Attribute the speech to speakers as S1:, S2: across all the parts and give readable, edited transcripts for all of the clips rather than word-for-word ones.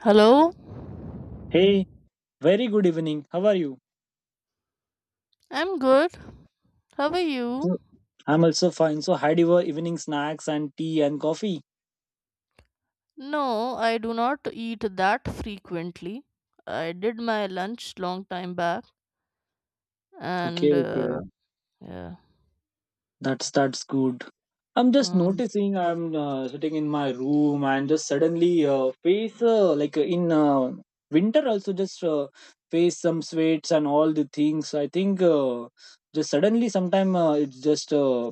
S1: Hello?
S2: Hey, very good evening. How are you?
S1: I'm good. How are you?
S2: So- I'm also fine. So had your evening snacks and tea and coffee?
S1: No, I do not eat that frequently. I did my lunch long time back
S2: Okay,
S1: and
S2: okay.
S1: yeah.
S2: That's good. I'm just
S1: Hmm.
S2: noticing I'm sitting in my room and just suddenly face like in winter also just face some sweats and all the things. I think just suddenly sometime it's just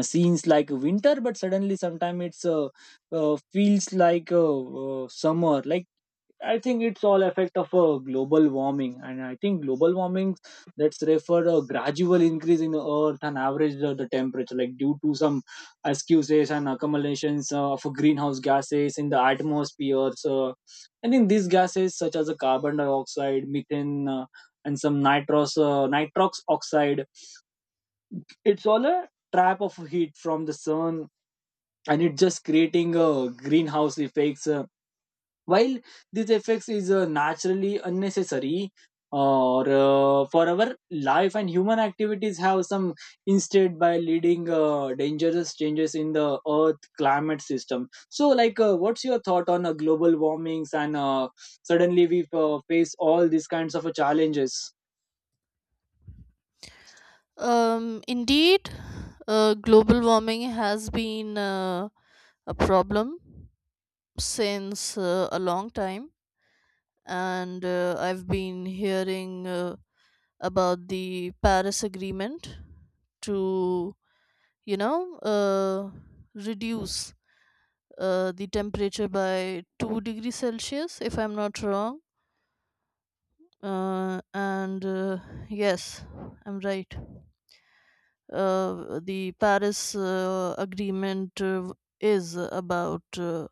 S2: seems like winter, but suddenly sometime it's feels like summer. Like I think it's all effect of global warming, and I think global warming that's refer a gradual increase in the Earth and average the temperature, like due to some excuses and accumulations of greenhouse gases in the atmosphere. So, I think these gases such as a carbon dioxide, methane, and some nitrous nitrox oxide, it's all a trap of heat from the sun, and it's just creating greenhouse effects. While these effects is naturally unnecessary or for our life and human activities have some instead by leading dangerous changes in the earth climate system. So like what's your thought on global warmings and suddenly we face all these kinds of challenges?
S1: Indeed, global warming has been a problem since a long time and I've been hearing about the Paris agreement to you know uh, reduce the temperature by 2 degrees Celsius, if I'm not wrong. And Yes, I'm right. The Paris Agreement is about, uh,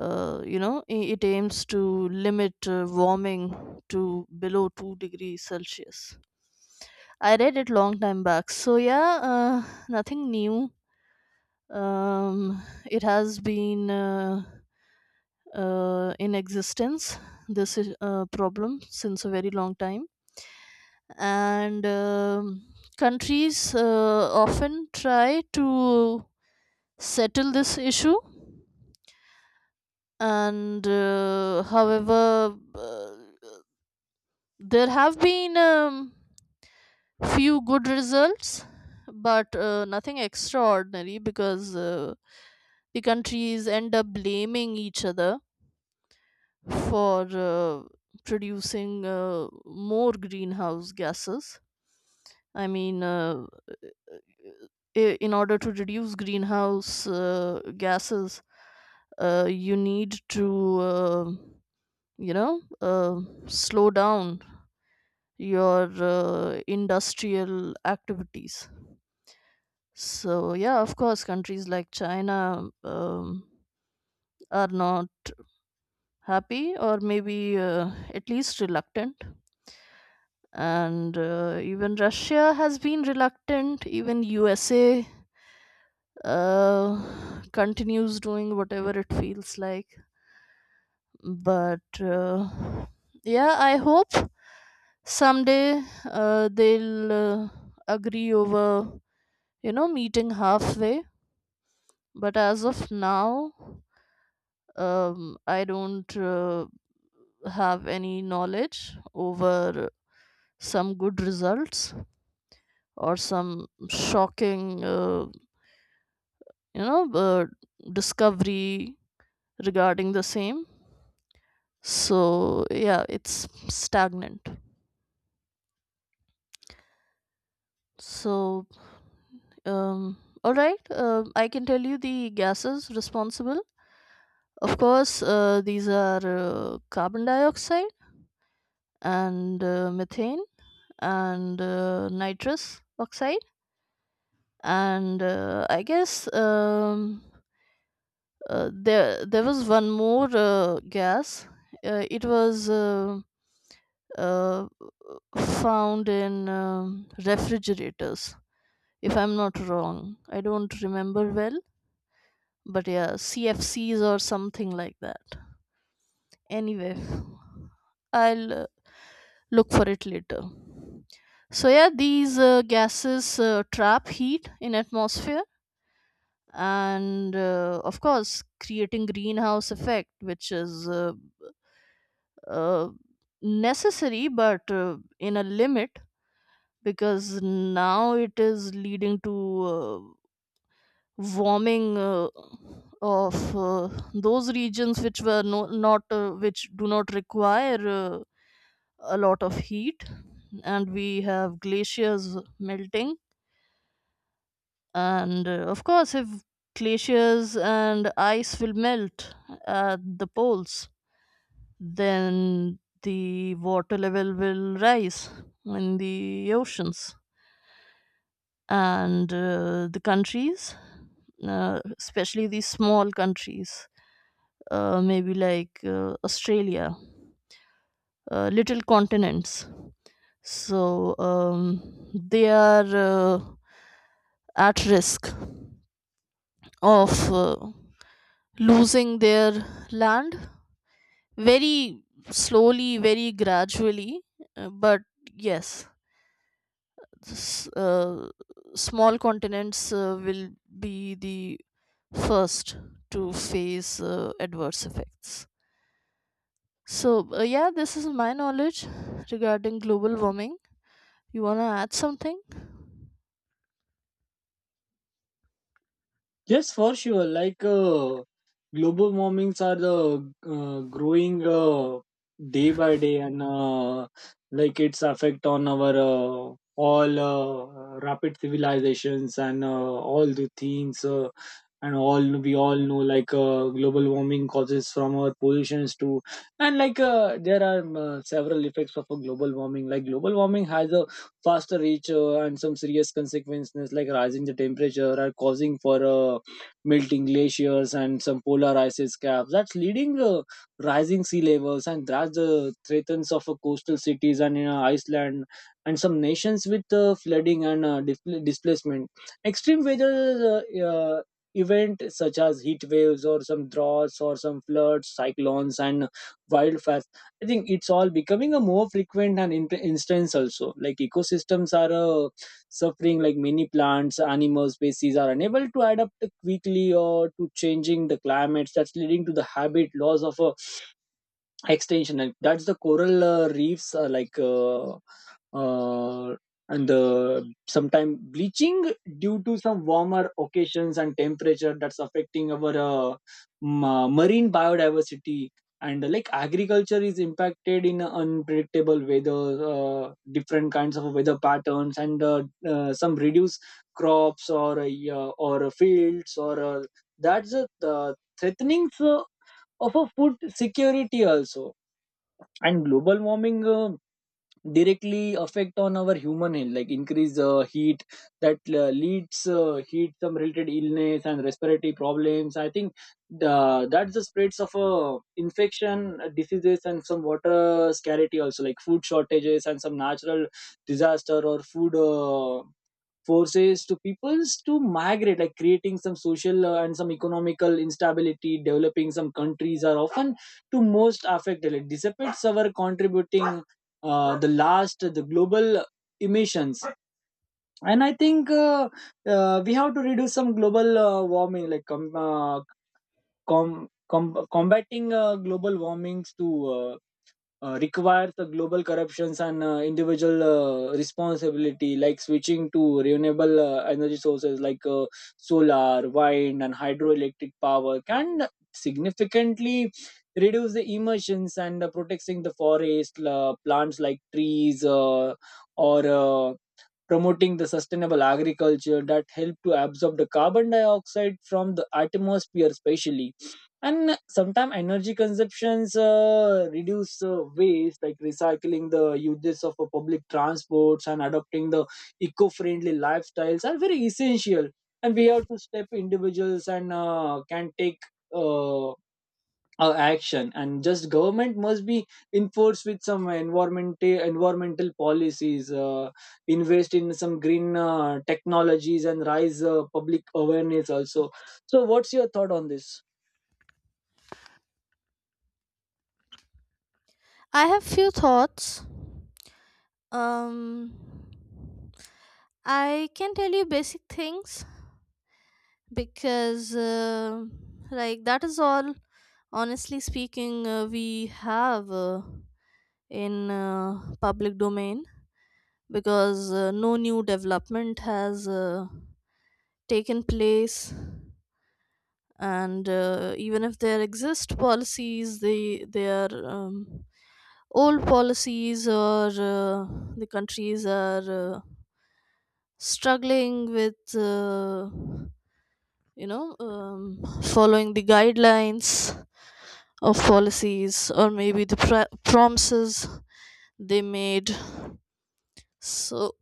S1: uh, you know, i- it aims to limit warming to below 2 degrees Celsius. I read it long time back. So yeah, nothing new. It has been. In existence, this is a problem since a very long time, and countries often try to settle this issue. And however there have been, few good results, but nothing extraordinary because the countries end up blaming each other for producing more greenhouse gases. I mean, in order to reduce greenhouse gases, you need to, you know, uh, slow down your industrial activities. So, yeah, of course, countries like China are not happy, or maybe at least reluctant, and even russia has been reluctant, even usa uh, continues doing whatever it feels like. But yeah, I hope someday they'll agree over, you know, meeting halfway. But as of now, I don't have any knowledge over some good results or some shocking, you know uh, discovery regarding the same. So yeah, it's stagnant. So um, all right, I can tell you the gases responsible. Of course, these are carbon dioxide and methane and nitrous oxide. And I guess there was one more gas. Uh, it was uh, uh, found in refrigerators, if I'm not wrong. I don't remember well, but yeah, CFCs or something like that. Anyway, I'll look for it later. So yeah, these gases trap heat in atmosphere and of course creating greenhouse effect, which is uh, necessary but in a limit, because now it is leading to warming of those regions which were not which do not require a lot of heat. And we have glaciers melting, and of course if glaciers and ice will melt at the poles, then the water level will rise in the oceans. And the countries, especially these small countries, maybe like Australia, little continents. So they are at risk of losing their land very slowly, very gradually. But yes, s- uh, small continents will be the first to face adverse effects. So, yeah, this is my knowledge regarding global warming. You want to add something?
S2: Yes, for sure. Like global warmings are the growing day by day, and like its effect on our all rapid civilizations and all the things and all we all know like global warming causes from our pollutions to, and like there are several effects of a global warming. Like global warming has a faster reach and some serious consequences, like rising the temperature are causing for melting glaciers and some polar ice caps. That's leading rising sea levels, and that's the threats of coastal cities and Iceland and some nations with flooding and displacement. Extreme weather event such as heat waves or some droughts or some floods, cyclones and wildfires. I think it's all becoming a more frequent and instance also. Like ecosystems are a suffering, like many plants, animal species are unable to adapt quickly or to changing the climates. That's leading to the habit loss of a extension, and that's the coral reefs are like uh, and the sometime bleaching due to some warmer occasions and temperature that's affecting our marine biodiversity. And like agriculture is impacted in unpredictable weather different kinds of weather patterns and some reduced crops or yeah, or fields or that's a threatening of a food security also. And global warming directly affect on our human health, like increase heat that leads heat some related illness and respiratory problems. I think that's the spreads of infection diseases and some water scarcity also, like food shortages and some natural disaster or food forces to peoples to migrate, like creating some social and some economical instability. Developing some countries are often to most affected. Like dissipates our contributing the last the global emissions. And I think we have to reduce some global warming, like combating global warmings to requires the global corruptions and individual responsibility, like switching to renewable energy sources like solar wind and hydroelectric power can significantly reduce the emissions. And protecting the forest plants like trees or promoting the sustainable agriculture that help to absorb the carbon dioxide from the atmosphere especially, and sometimes energy consumptions reduce waste like recycling the uses of public transports and adopting the eco-friendly lifestyles are very essential. And we have to step individuals and can take uh, action, and just government must be enforced with some environmental policies, invest in some green technologies and rise public awareness also. So what's your thought on this?
S1: I have few thoughts. Um I can tell you basic things because like that is all, honestly speaking, we have in public domain, because no new development has taken place. And even if there exist policies, they are, old policies, or the countries are struggling with, following the guidelines of policies, or maybe the promises they made. So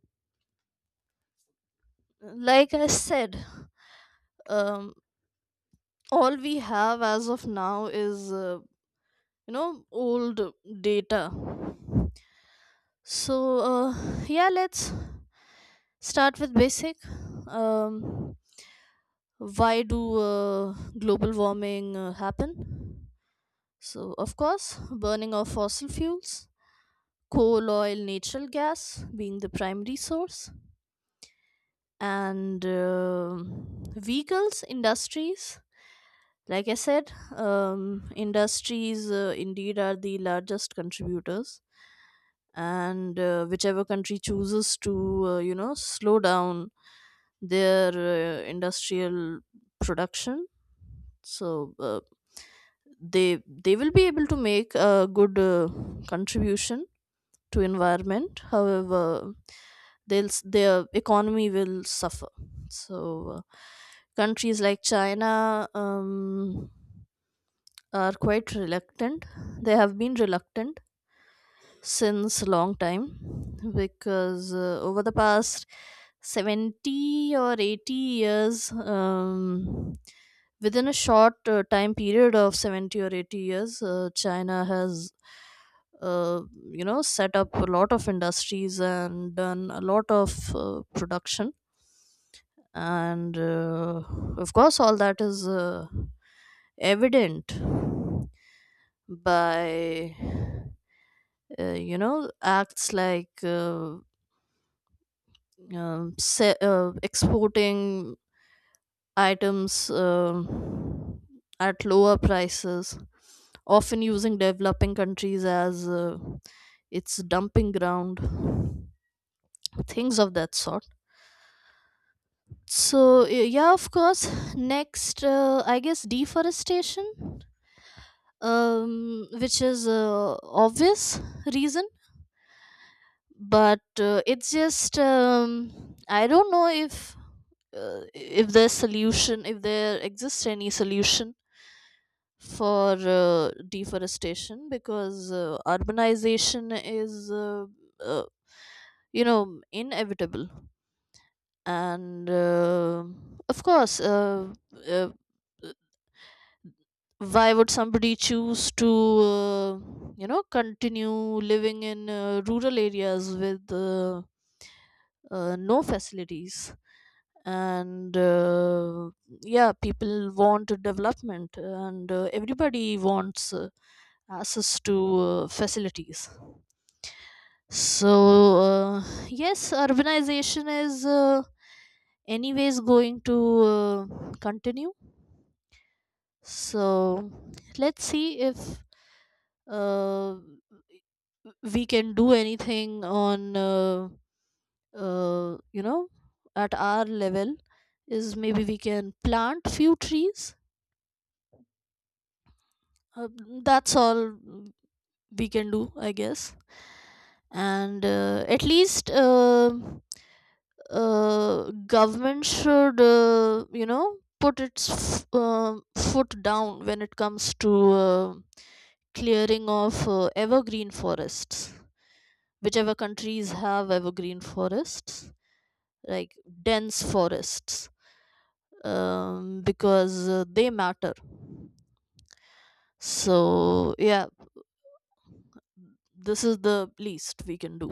S1: like I said, um, all we have as of now is you know, old data. So, yeah, let's start with basic. Um, why do global warming happen? So, of course, burning of fossil fuels, coal, oil, natural gas being the primary source, and vehicles industries. Like I said, industries indeed are the largest contributors. And whichever country chooses to you know, slow down their industrial production, so they will be able to make a good contribution to environment. However, their economy will suffer. So uh, countries like china, um, are quite reluctant. They have been reluctant since long time, because over the past 70 or 80 years, um, within a short time period of 70 or 80 years, china has uh, you know, set up a lot of industries and done a lot of production. And of course all that is evident by you know, acts like exporting items at lower prices, often using developing countries as its dumping ground, things of that sort. So yeah, of course, next I guess deforestation, which is a obvious reason. But it's just, I don't know if there's solution, if there exists any solution for deforestation, because urbanization is uh, you know, inevitable. And of course uh, why would somebody choose to uh, you know, continue living in rural areas with no facilities. And yeah, people want development, and everybody wants access to facilities. So uh, yes, urbanization is anyways going to uh, continue. So let's see if uh, we can do anything on you know, at our level is maybe we can plant few trees. Uh, that's all we can do, I guess. And at least uh, government should you know, put its foot down when it comes to clearing of evergreen forests, whichever countries have evergreen forests, like dense forests, because they matter. So yeah, this is the least we can do.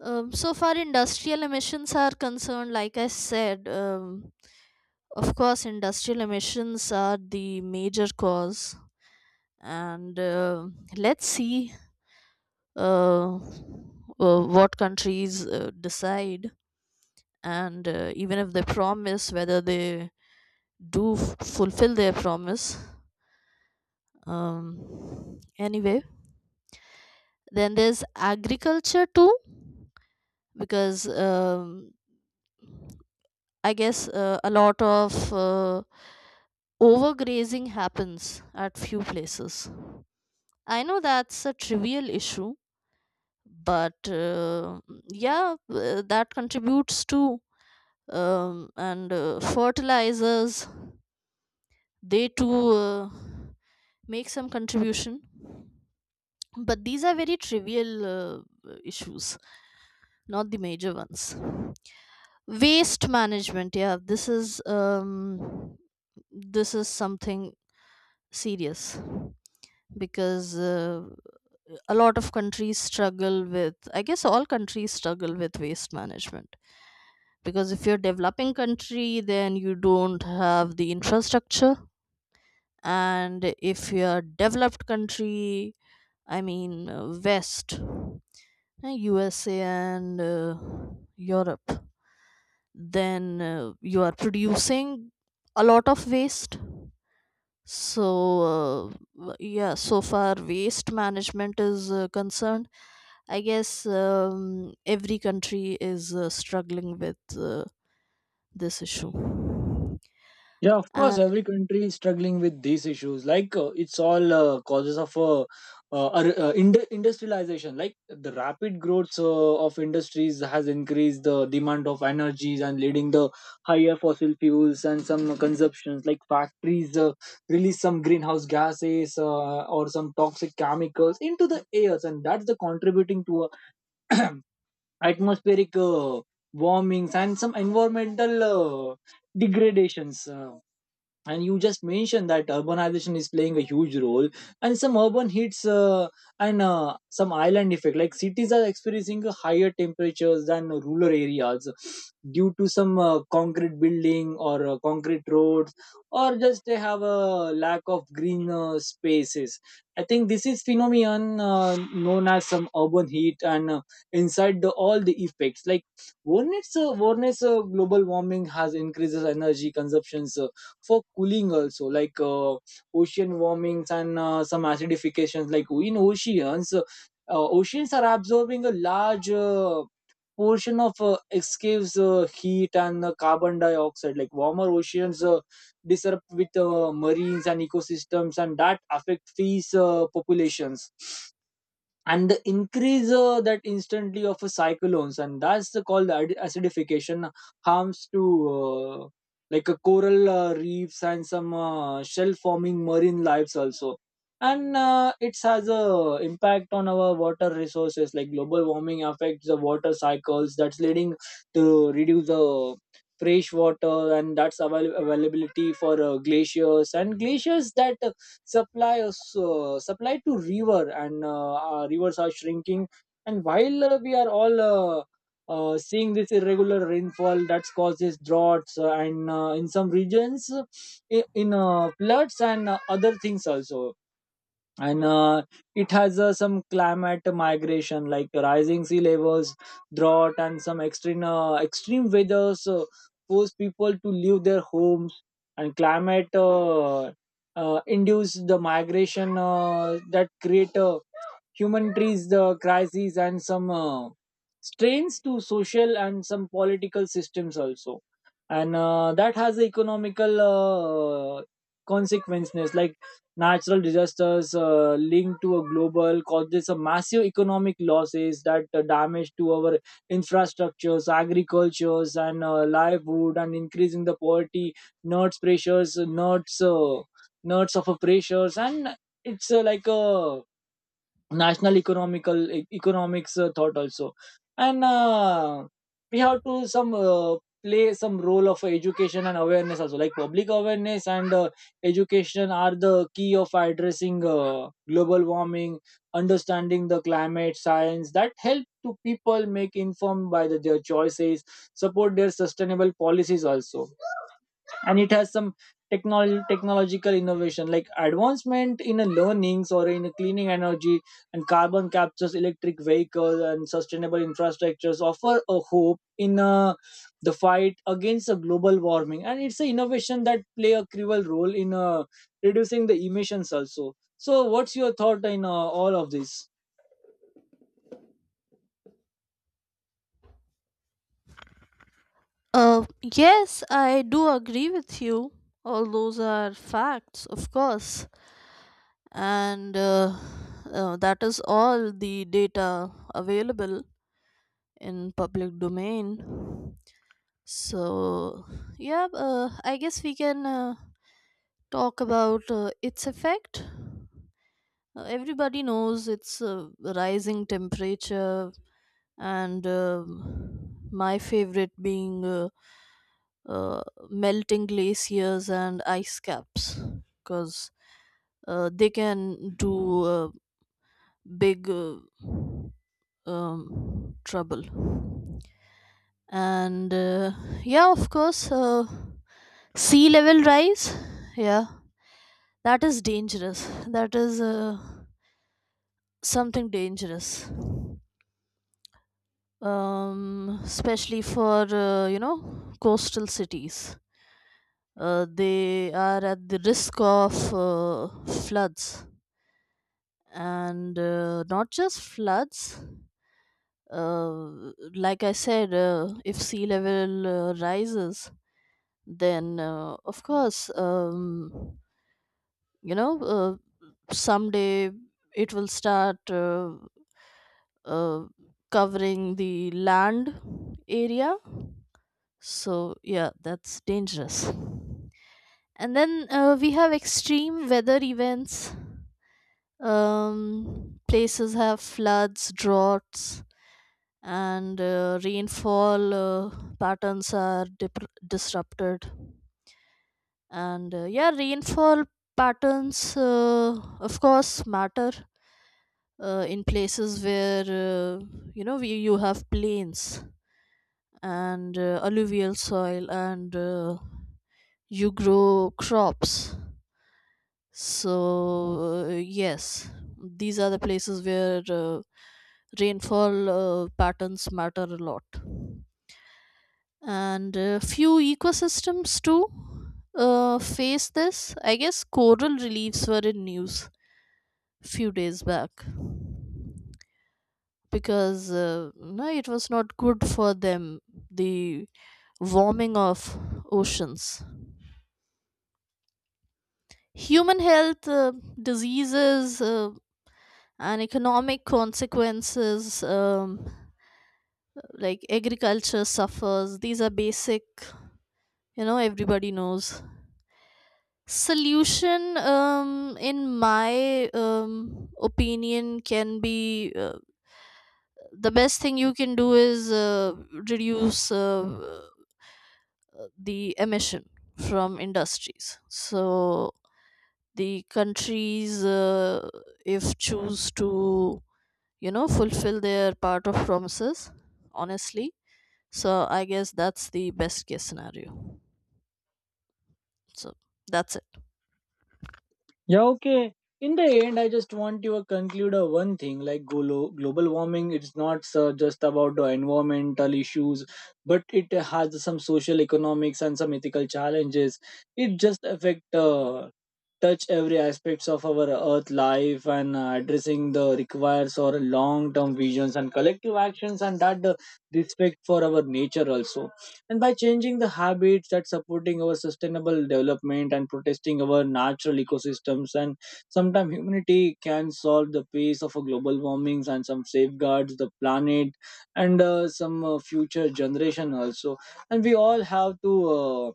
S1: So far, industrial emissions are concerned, like I said, of course, industrial emissions are the major cause. And let's see what countries decide, and even if they promise, whether they do fulfill their promise. Anyway, then there's agriculture too, because I guess a lot of overgrazing happens at few places. I know that's a trivial issue, but yeah, that contributes to, and fertilizers. They too make some contribution, but these are very trivial issues, not the major ones. Waste management, yeah, this is something serious, because a lot of countries struggle with, I guess all countries struggle with waste management, because if you're developing country then you don't have the infrastructure, and if you're developed country, I mean west, usa and europe, then you are producing a lot of waste. So, yeah, so far waste management is concerned, I guess every country is struggling with this issue.
S2: Yeah, of course,
S1: And
S2: every country is struggling with these issues. Like it's all causes of industrialization. Like the rapid growth of industries has increased the demand of energies and leading the higher fossil fuels and some consumptions. Like factories release some greenhouse gases or some toxic chemicals into the airs, and that's the contributing to uh, atmospheric warmings and some environmental uh, degradations. And you just mentioned that urbanization is playing a huge role, and some urban heats and some island effect, like cities are experiencing higher temperatures than rural areas due to some concrete building or concrete roads, or just they have a lack of green spaces. I think this is phenomenon known as some urban heat. And inside all the effects, like one is one global warming has increases energy consumptions for cooling also, like ocean warmings and some acidifications. Like in oceans oceans are absorbing a large portion of escapes heat and carbon dioxide. Like warmer oceans disrupt with marines and ecosystems, and that affect fish populations and the increase that instantly of a cyclones. And that's the called acidification harms to uh, like a coral reefs and some shell forming marine lives also. And it has a impact on our water resources, like global warming affects the water cycles, that's leading to reduce the fresh water and that's availability for glaciers, and glaciers that supply us supply to river, and our rivers are shrinking. And while we are all seeing this irregular rainfall that causes droughts and in some regions in floods and other things also. And it has some climate migration, like rising sea levels, drought and some extreme weather so force people to leave their homes. And climate induce the migration that create human trees the crises and some strains to social and some political systems also. And that has economical consequences, like natural disasters linked to a global causes a massive economic losses that damage to our infrastructures, agricultures and livelihood and increasing the poverty nerds pressures nerds of a pressures. And it's like a national economical economics thought also. And we have to some play some role of education and awareness also, like public awareness and education are the key of addressing global warming. Understanding the climate science that help to people make informed by their choices, support their sustainable policies also. And it has some technological innovation, like advancement in a learnings or in a cleaning energy and carbon captures, electric vehicles and sustainable infrastructures offer a hope in the fight against a global warming. And it's an innovation that play a crucial role in reducing the emissions also. So what's your thought in all of this?
S1: yes, I do agree with you. All those are facts, of course. And that is all the data available in public domain. So, yeah, I guess we can. Talk about its effect. Everybody knows it's rising temperature, and my favorite being uh, melting glaciers and ice caps, because they can do uh, big trouble. And yeah, of course, sea level rise. Yeah, that is dangerous. That is something dangerous. Especially for you know, coastal cities. They are at the risk of floods, and not just floods. Like I said, if sea level rises, then of course, you know, uh, someday it will start uh, covering the land area. So yeah, that's dangerous. And then we have extreme weather events. Places have floods, droughts, and rainfall patterns are disrupted. And yeah, rainfall patterns of course matter in places where you have plains and alluvial soil, and you grow crops. So yes, these are the places where rainfall patterns matter a lot. And few ecosystems too face this. I guess coral reliefs were in news few days back, because no, it was not good for them, the warming of oceans. Human health, diseases, and economic consequences, like agriculture suffers. These are basic, you know, everybody knows. Solution, in my opinion, can be the best thing you can do is reduce the emission from industries. So the countries, if choose to, you know, fulfill their part of promises honestly, so I guess that's the best case scenario. So that's it.
S2: Yeah, okay. In the end, I just want you to conclude one thing, like global warming, it's not just about the environmental issues, but it has some social economics and some ethical challenges. It just affect touch every aspects of our earth life, and addressing the requires or long term visions and collective actions, and that respect for our nature also. And by changing the habits that supporting our sustainable development and protesting our natural ecosystems, and sometimes humanity can solve the pace of a global warmings and some safeguards the planet and some future generation also. And we all have to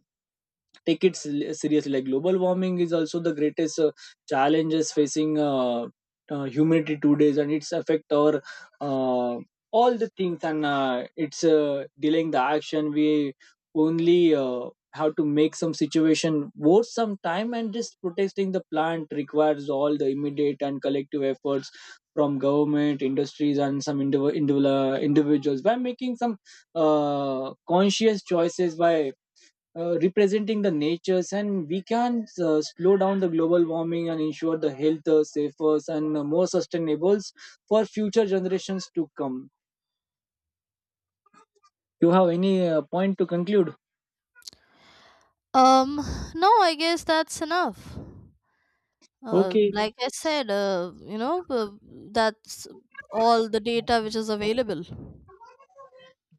S2: take it seriously. Like global warming is also the greatest challenges facing humanity today, and it's affect our uh, all the things, and it's delaying the action. We only have to make some situation worth some time, and just protesting the plant requires all the immediate and collective efforts from government industries and some individual individuals by making some conscious choices by representing the natures, and we can slow down the global warming and ensure the health safer and more sustainable for future generations to come. You have any point to conclude?
S1: um no, I guess that's enough.
S2: Okay.
S1: Like I said, that's all the data which is available.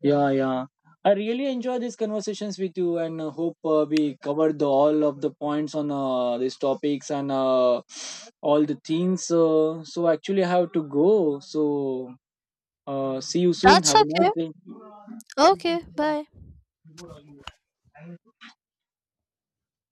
S2: Yeah, yeah, I really enjoy these conversations with you, and hope we covered all of the points on these topics and all the things so actually I have to go. So see you soon.
S1: That's
S2: Have a nice
S1: okay.
S2: day.
S1: Okay, bye.